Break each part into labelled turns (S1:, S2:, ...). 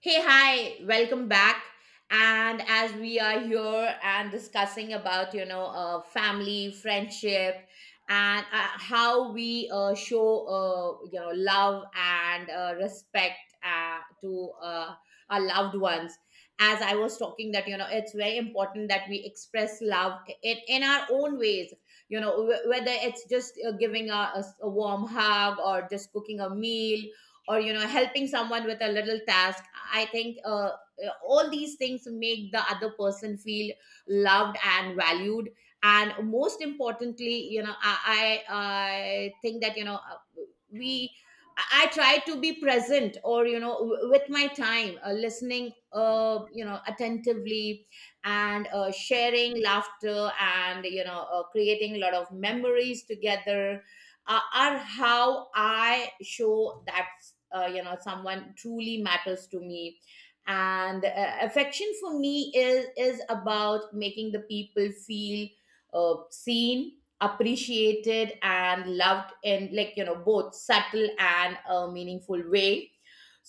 S1: Hey, hi, welcome back. And as we are here and discussing about, family, friendship, and how we show, love and respect to our loved ones. As I was talking, that, it's very important that we express love in our own ways, whether it's just giving a warm hug, or just cooking a meal, or helping someone with a little task. I think all these things make the other person feel loved and valued. And most importantly, I think that you know we I try to be present, or, with my time, listening, attentively, and sharing laughter, and, creating a lot of memories together, are how I show that someone truly matters to me. And Affection for me is about making the people feel seen, appreciated, and loved in, both subtle and meaningful way.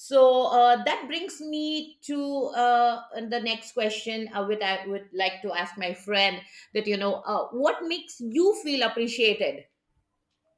S1: So that brings me to the next question, which I would like to ask my friend, that you know what makes you feel appreciated.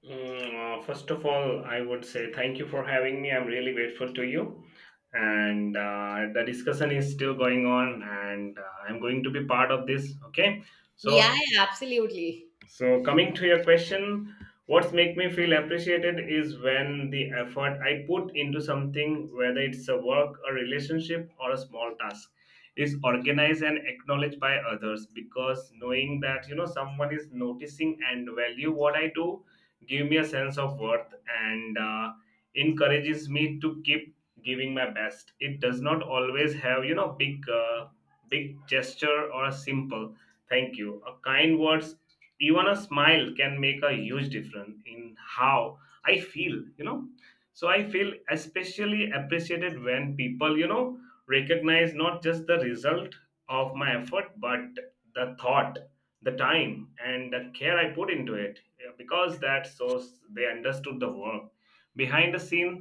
S2: First of all, I would say thank you for having me. I'm really grateful to you. And the discussion is still going on, and I'm going to be part of this. Okay.
S1: Yeah,
S2: So,
S1: yeah, absolutely.
S2: so coming to your question, what's make me feel appreciated is when the effort I put into something, whether it's a work, a relationship, or a small task, is organized and acknowledged by others. Because knowing that someone is noticing and value what I do, give me a sense of worth and encourages me to keep giving my best. It does not always have big, big gesture or a simple thank you. A kind word even a smile can make a huge difference in how I feel. So I feel especially appreciated when people recognize not just the result of my effort but the thought, the time and the care I put into it. Yeah, because that shows they understood the work behind the scene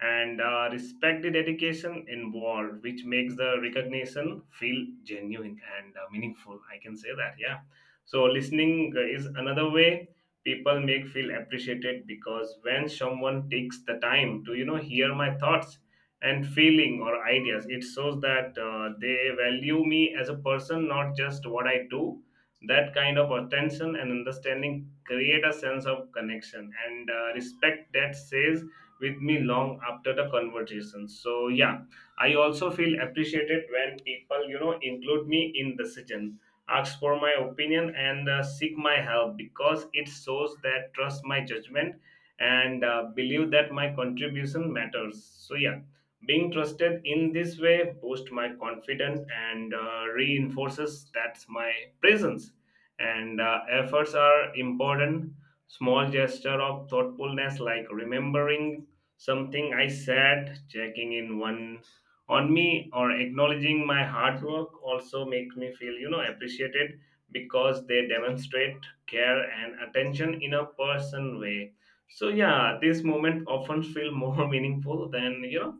S2: and respect the dedication involved, which makes the recognition feel genuine and meaningful, I can say that. Yeah, so listening is another way people make feel appreciated, because when someone takes the time to hear my thoughts and feeling or ideas, it shows that they value me as a person, not just what I do. That kind of attention and understanding create a sense of connection and respect that stays with me long after the conversation. So yeah, I also feel appreciated when people include me in decision, ask for my opinion and seek my help, because it shows that trust my judgment and believe that my contribution matters. So yeah, being trusted in this way boosts my confidence and reinforces that's my presence and efforts are important. Small gesture of thoughtfulness like remembering something I said, checking in one on me or acknowledging my hard work also make me feel appreciated, because they demonstrate care and attention in a person way. So yeah, this moment often feel more meaningful than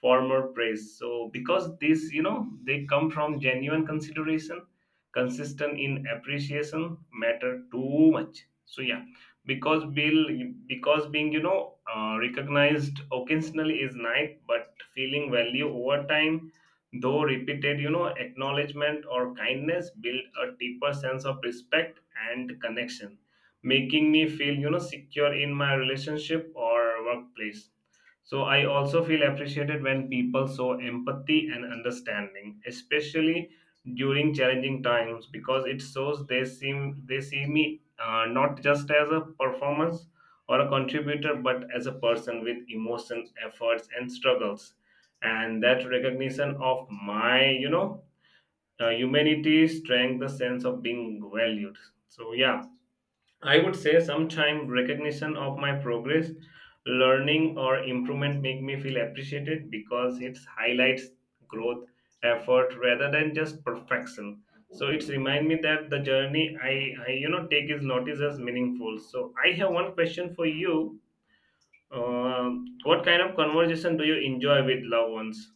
S2: former praise. So because this, they come from genuine consideration, consistent in appreciation matter too much. So yeah, because Bill, because being recognized occasionally is nice, but feeling value over time, though repeated, acknowledgement or kindness build a deeper sense of respect and connection, making me feel secure in my relationship or workplace. So I also feel appreciated when people show empathy and understanding, especially during challenging times, because it shows they seem they see me not just as a performance or a contributor, but as a person with emotion, efforts, and struggles. And that recognition of my, humanity strengthens the sense of being valued. So yeah, I would say sometime recognition of my progress, learning or improvement make me feel appreciated because it highlights growth, effort rather than just perfection. So it's remind me that the journey I take is noticed as meaningful. So I have one question for you. What kind of conversation do you enjoy with loved ones?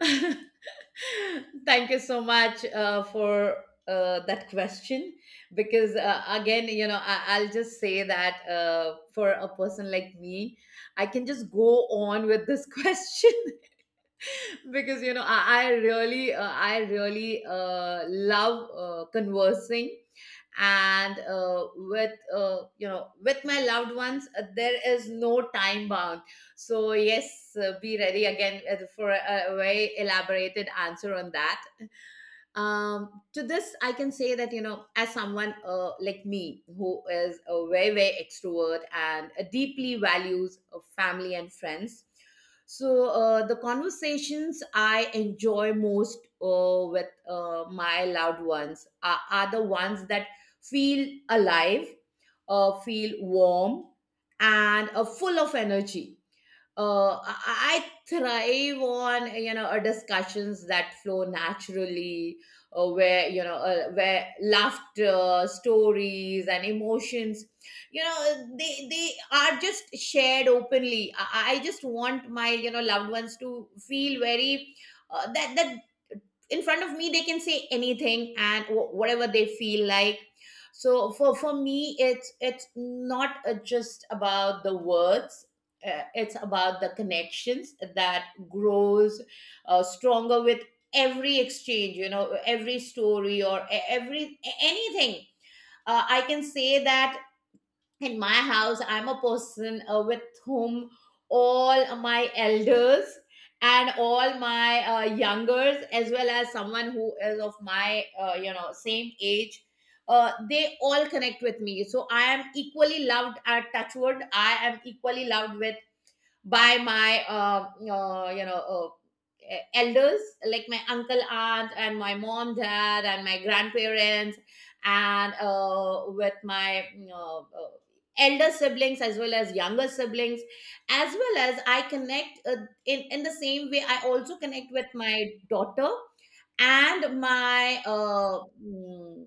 S1: Thank you so much for that question, because again, I'll just say that for a person like me, I can just go on with this question. Because I really love conversing, and with with my loved ones, there is no time bound. So yes, be ready again, for a very elaborated answer on that. To this I can say that, as someone like me, who is a very very extrovert and deeply values family and friends. So, the conversations I enjoy most, with my loved ones, are the ones that feel alive, feel warm, and full of energy. I thrive on, discussions that flow naturally, where you know where laughter, stories, and emotions, they are just shared openly. I just want my loved ones to feel very, that in front of me they can say anything, and whatever they feel like. So, for me, it's not just about the words. It's about the connections that grows stronger with every exchange, every story, or anything, I can say that. In my house, I'm a person with whom all my elders and all my youngers, as well as someone who is of my same age, they all connect with me. So I am equally loved, at touchwood, I am equally loved with, by my elders, like my uncle, aunt, and my mom, dad, and my grandparents, and with my uh, uh, elder siblings, as well as younger siblings. As well as I connect, in the same way I also connect with my daughter and my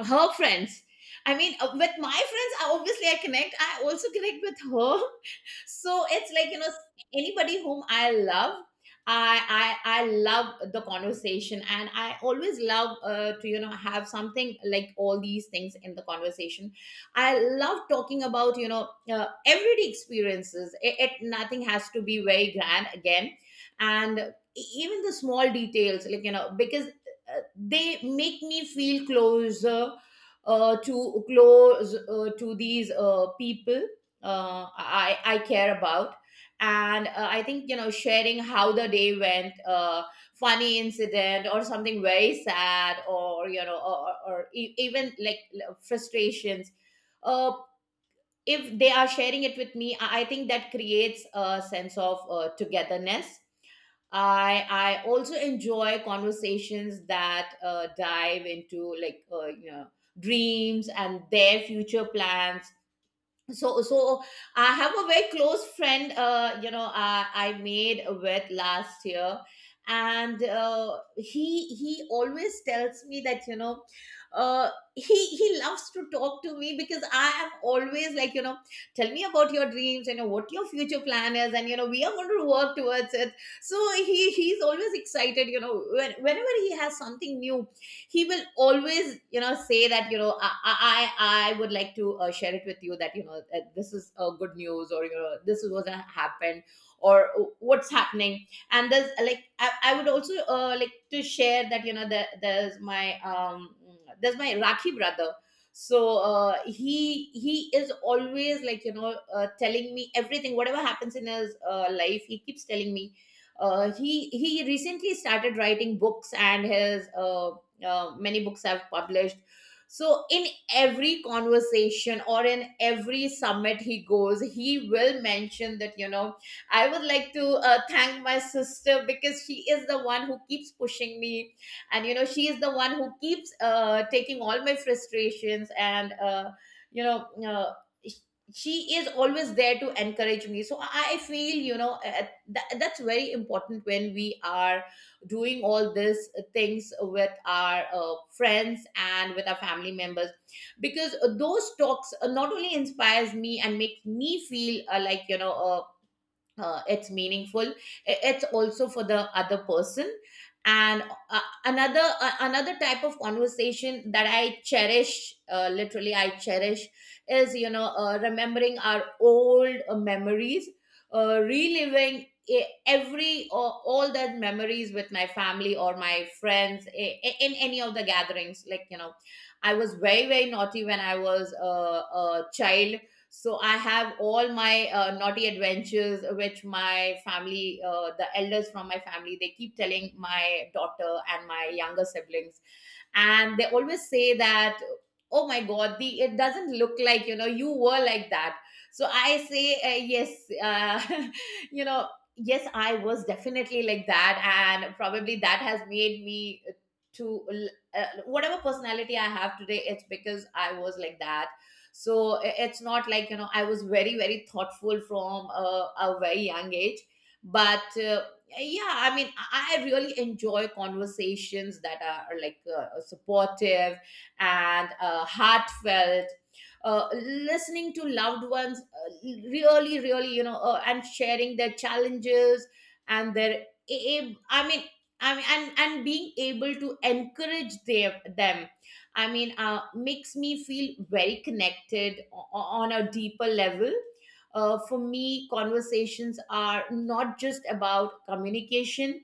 S1: her friends. I mean, with my friends, I obviously I connect. I also connect with her. So it's like, anybody whom I love, I love the conversation, and I always love to have something like all these things in the conversation. I love talking about, everyday experiences. It nothing has to be very grand again, and even the small details, like, because they make me feel closer, to close, to these people I care about. And I think, sharing how the day went, funny incident, or something very sad, or even like frustrations, uh, if they are sharing it with me, I think that creates a sense of togetherness. I I also enjoy conversations that dive into, dreams and their future plans. So I have a very close friend, I made with last year, and he always tells me that, uh he loves to talk to me because I am always like, tell me about your dreams, what your future plan is, and, we are going to work towards it. So he's always excited, whenever he has something new, he will always say that, I would like to share it with you that, this is good news, or, this is what happened, or what's happening. And there's I would also like to share that, there's my rakhi brother. So, he is always like, telling me everything whatever happens in his life, he keeps telling me. He recently started writing books, and his many books have published. So in every conversation, or in every summit he goes, he will mention that, I would like to thank my sister, because she is the one who keeps pushing me, and she is the one who keeps taking all my frustrations, and you know uh, she is always there to encourage me. So I feel, that's very important, when we are doing all this things with our friends and with our family members, because those talks not only inspires me and makes me feel, it's meaningful. It's also for the other person. And uh, another type of conversation that I cherish, literally I cherish, is, remembering our old memories, reliving e- every or all that memories with my family or my friends, in any of the gatherings. Like, I was very very naughty when I was a child. So I have all my naughty adventures, which my family, the elders from my family, they keep telling my daughter and my younger siblings. And they always say that, oh my god, the it doesn't look like, you were like that. So I say, yes, uh, you know yes, I was definitely like that, and probably that has made me to, whatever personality I have today, it's because I was like that. So it's not like, I was very very thoughtful from a very young age. But yeah, I mean, I really enjoy conversations that are like, supportive and heartfelt. Listening to loved ones, really really, and sharing their challenges, and their I mean, and being able to encourage them, I mean, makes me feel very connected, on a deeper level. For me, conversations are not just about communication,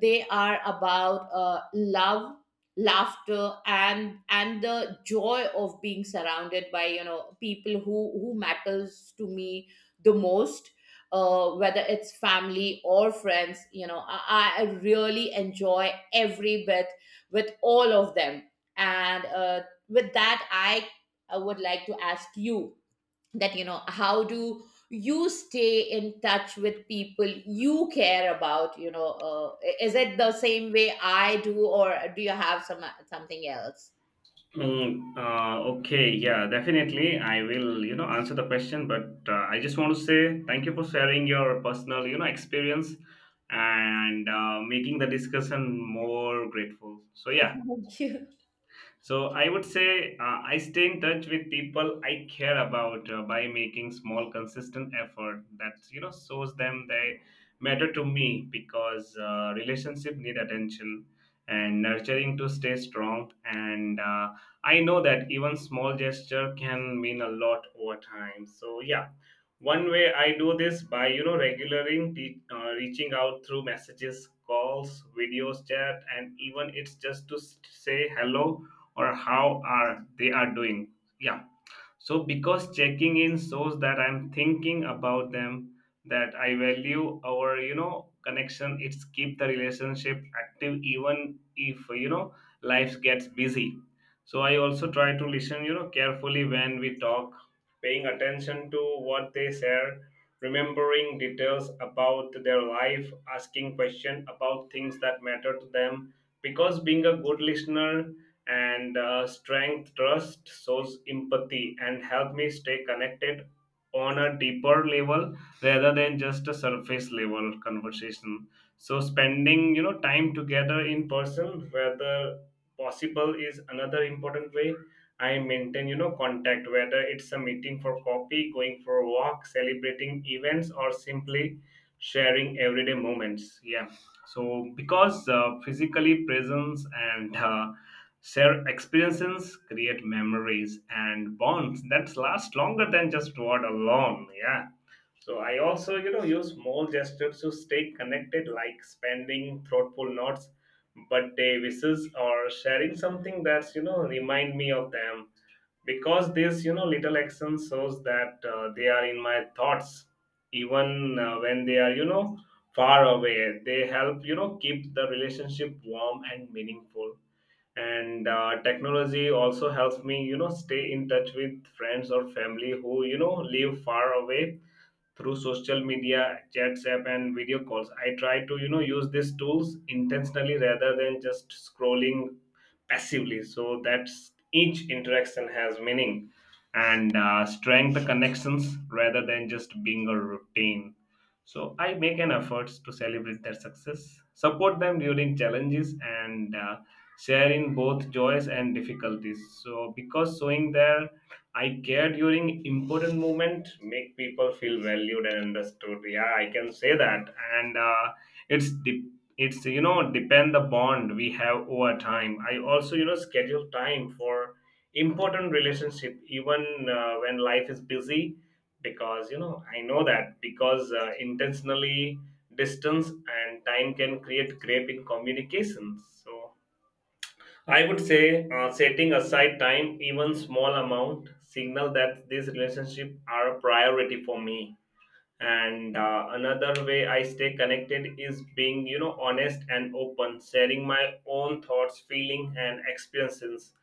S1: they are about love, laughter, and the joy of being surrounded by, people who matters to me the most. Whether it's family or friends, I really enjoy every bit with all of them. And with that, I would like to ask you, that, how do you stay in touch with people you care about. Is it the same way I do, or do you have something else?
S2: Okay, yeah, definitely. I will, answer the question, but I just want to say thank you for sharing your personal, experience and making the discussion more grateful. So, yeah,
S1: Thank you.
S2: so I would say I stay in touch with people I care about by making small, consistent effort that shows them they matter to me because relationship need attention and nurturing to stay strong. And I know that even small gesture can mean a lot over time. So yeah, one way I do this by regularly reaching out through messages, calls, videos, chat, and even it's just to s- say hello or how are they are doing. Yeah, so because checking in shows that I'm thinking about them, that I value our connection, it's keep the relationship active even if life gets busy. So I also try to listen carefully when we talk, paying attention to what they share, remembering details about their life, asking questions about things that matter to them, because being a good listener and strength trust, shows empathy and help me stay connected on a deeper level rather than just a surface level conversation. So spending time together in person whether possible is another important way I maintain contact, whether it's a meeting for coffee, going for a walk, celebrating events or simply sharing everyday moments. Yeah, so because physically presence and share experiences, create memories and bonds that last longer than just word alone. Yeah. So I also, use small gestures to stay connected, like spending thoughtful notes, birthday wishes, or sharing something that's, remind me of them. Because this, little action shows that they are in my thoughts, even when they are, far away. They help, keep the relationship warm and meaningful and technology also helps me stay in touch with friends or family who live far away through social media, chats app, and video calls. I try to use these tools intentionally rather than just scrolling passively. So that each interaction has meaning and strength the connections rather than just being a routine. So I make an effort to celebrate their success, support them during challenges, and share in both joys and difficulties. So because showing their I care during important moment make people feel valued and understood. Yeah, I can say that, and it's de- it's depend the bond we have over time. I also schedule time for important relationship even when life is busy because I know that because intentionally distance and time can create gap in communications. So I would say setting aside time, even small amount, signal that these relationships are a priority for me. And another way I stay connected is being, honest and open, sharing my own thoughts, feeling, and experiences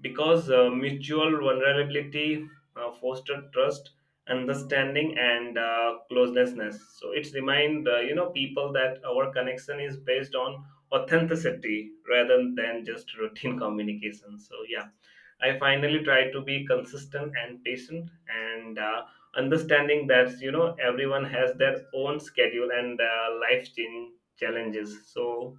S2: because mutual vulnerability fostered trust, understanding and closenessness, so it's remind people that our connection is based on authenticity rather than just routine communication. So yeah, I finally try to be consistent and patient and understanding that everyone has their own schedule and life change challenges. So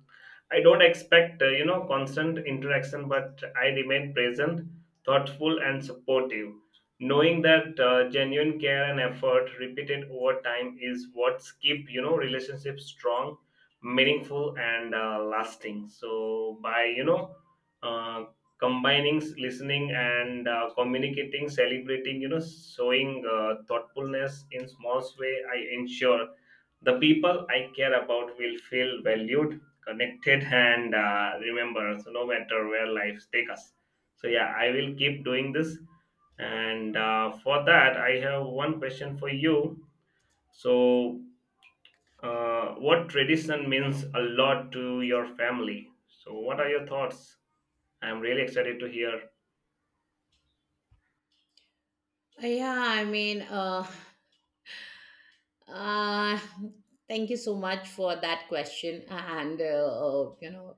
S2: I don't expect, constant interaction, but I remain present, thoughtful, and supportive. Knowing that genuine care and effort repeated over time is what keep, relationships strong, meaningful, and lasting. So by, uh, combining listening and communicating, celebrating, showing thoughtfulness in small way, I ensure the people I care about will feel valued, connected and remember, so no matter where life take us. So yeah, I will keep doing this, and for that I have one question for you. So what tradition means a lot to your family? So what are your thoughts? I'm really excited to hear.
S1: Yeah, I mean, uh, thank you so much for that question. And,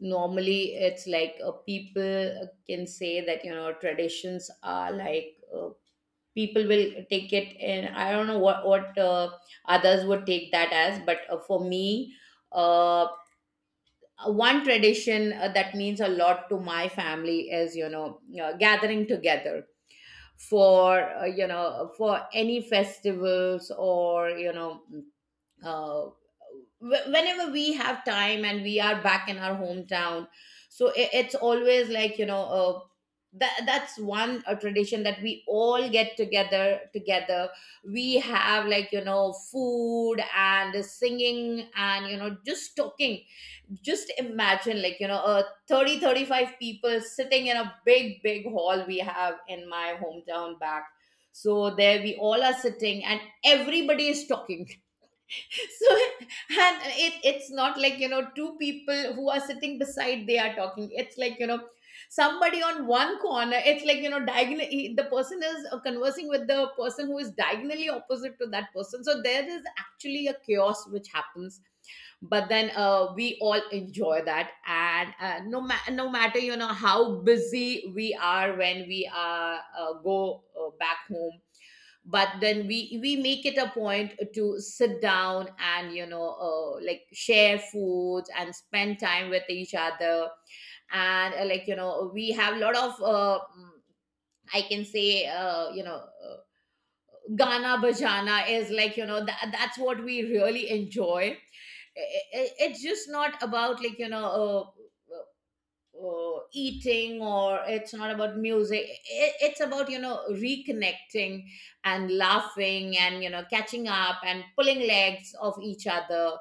S1: normally it's like, people can say that, traditions are like, people will take it, and I don't know what others would take that as. But for me, uh, one tradition that means a lot to my family is, gathering together, for, for any festivals, or, uh, whenever we have time and we are back in our hometown. So it's always like, that that's one a tradition, that we all get together together, we have, like, food, and singing, and, just talking. Just imagine, like, 30, 35 people sitting in a big big hall we have in my hometown back. So there, we all are sitting and everybody is talking. So, and it's not like, two people who are sitting beside, they are talking. It's like, somebody on one corner, it's like, diagonally the person is conversing with the person who is diagonally opposite to that person. So there is actually a chaos which happens. But then we all enjoy that. And no matter, how busy we are, when we are go back home, but then we make it a point to sit down and, like, share foods and spend time with each other. And we have a lot of, I can say, Gana Bajana is, like, that's what we really enjoy. It's just not about, like, uh, eating, or it's not about music. I It's about, reconnecting, and laughing, and, catching up, and pulling legs of each other.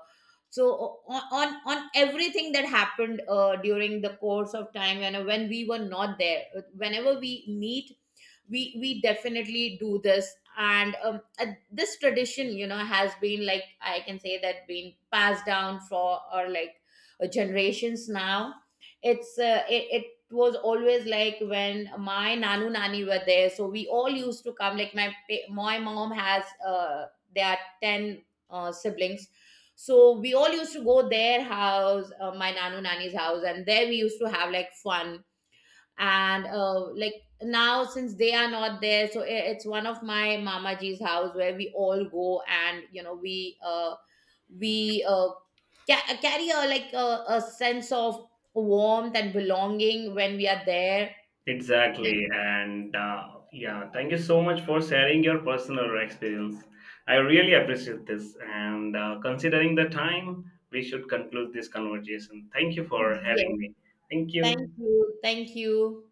S1: So on everything that happened during the course of time, when we were not there. Whenever we meet, we definitely do this. And this tradition, has been like, I can say that, been passed down for, or like, generations now. It was always like when my nanu nani were there, so we all used to come, like my my mom has, there are 10 siblings. So we all used to go their house, my nanu nani's house, and there we used to have like fun. And now since they are not there, so it's one of my mama ji's house where we all go. And, we uh carry a like a sense of warmth and belonging when we are there.
S2: Exactly.
S1: Yeah.
S2: And yeah, thank you so much for sharing your personal experience. I really appreciate this. And considering the time, we should conclude this conversation. Thank you for
S1: Yes,
S2: having me. Thank
S1: thank
S2: you.
S1: you, thank you.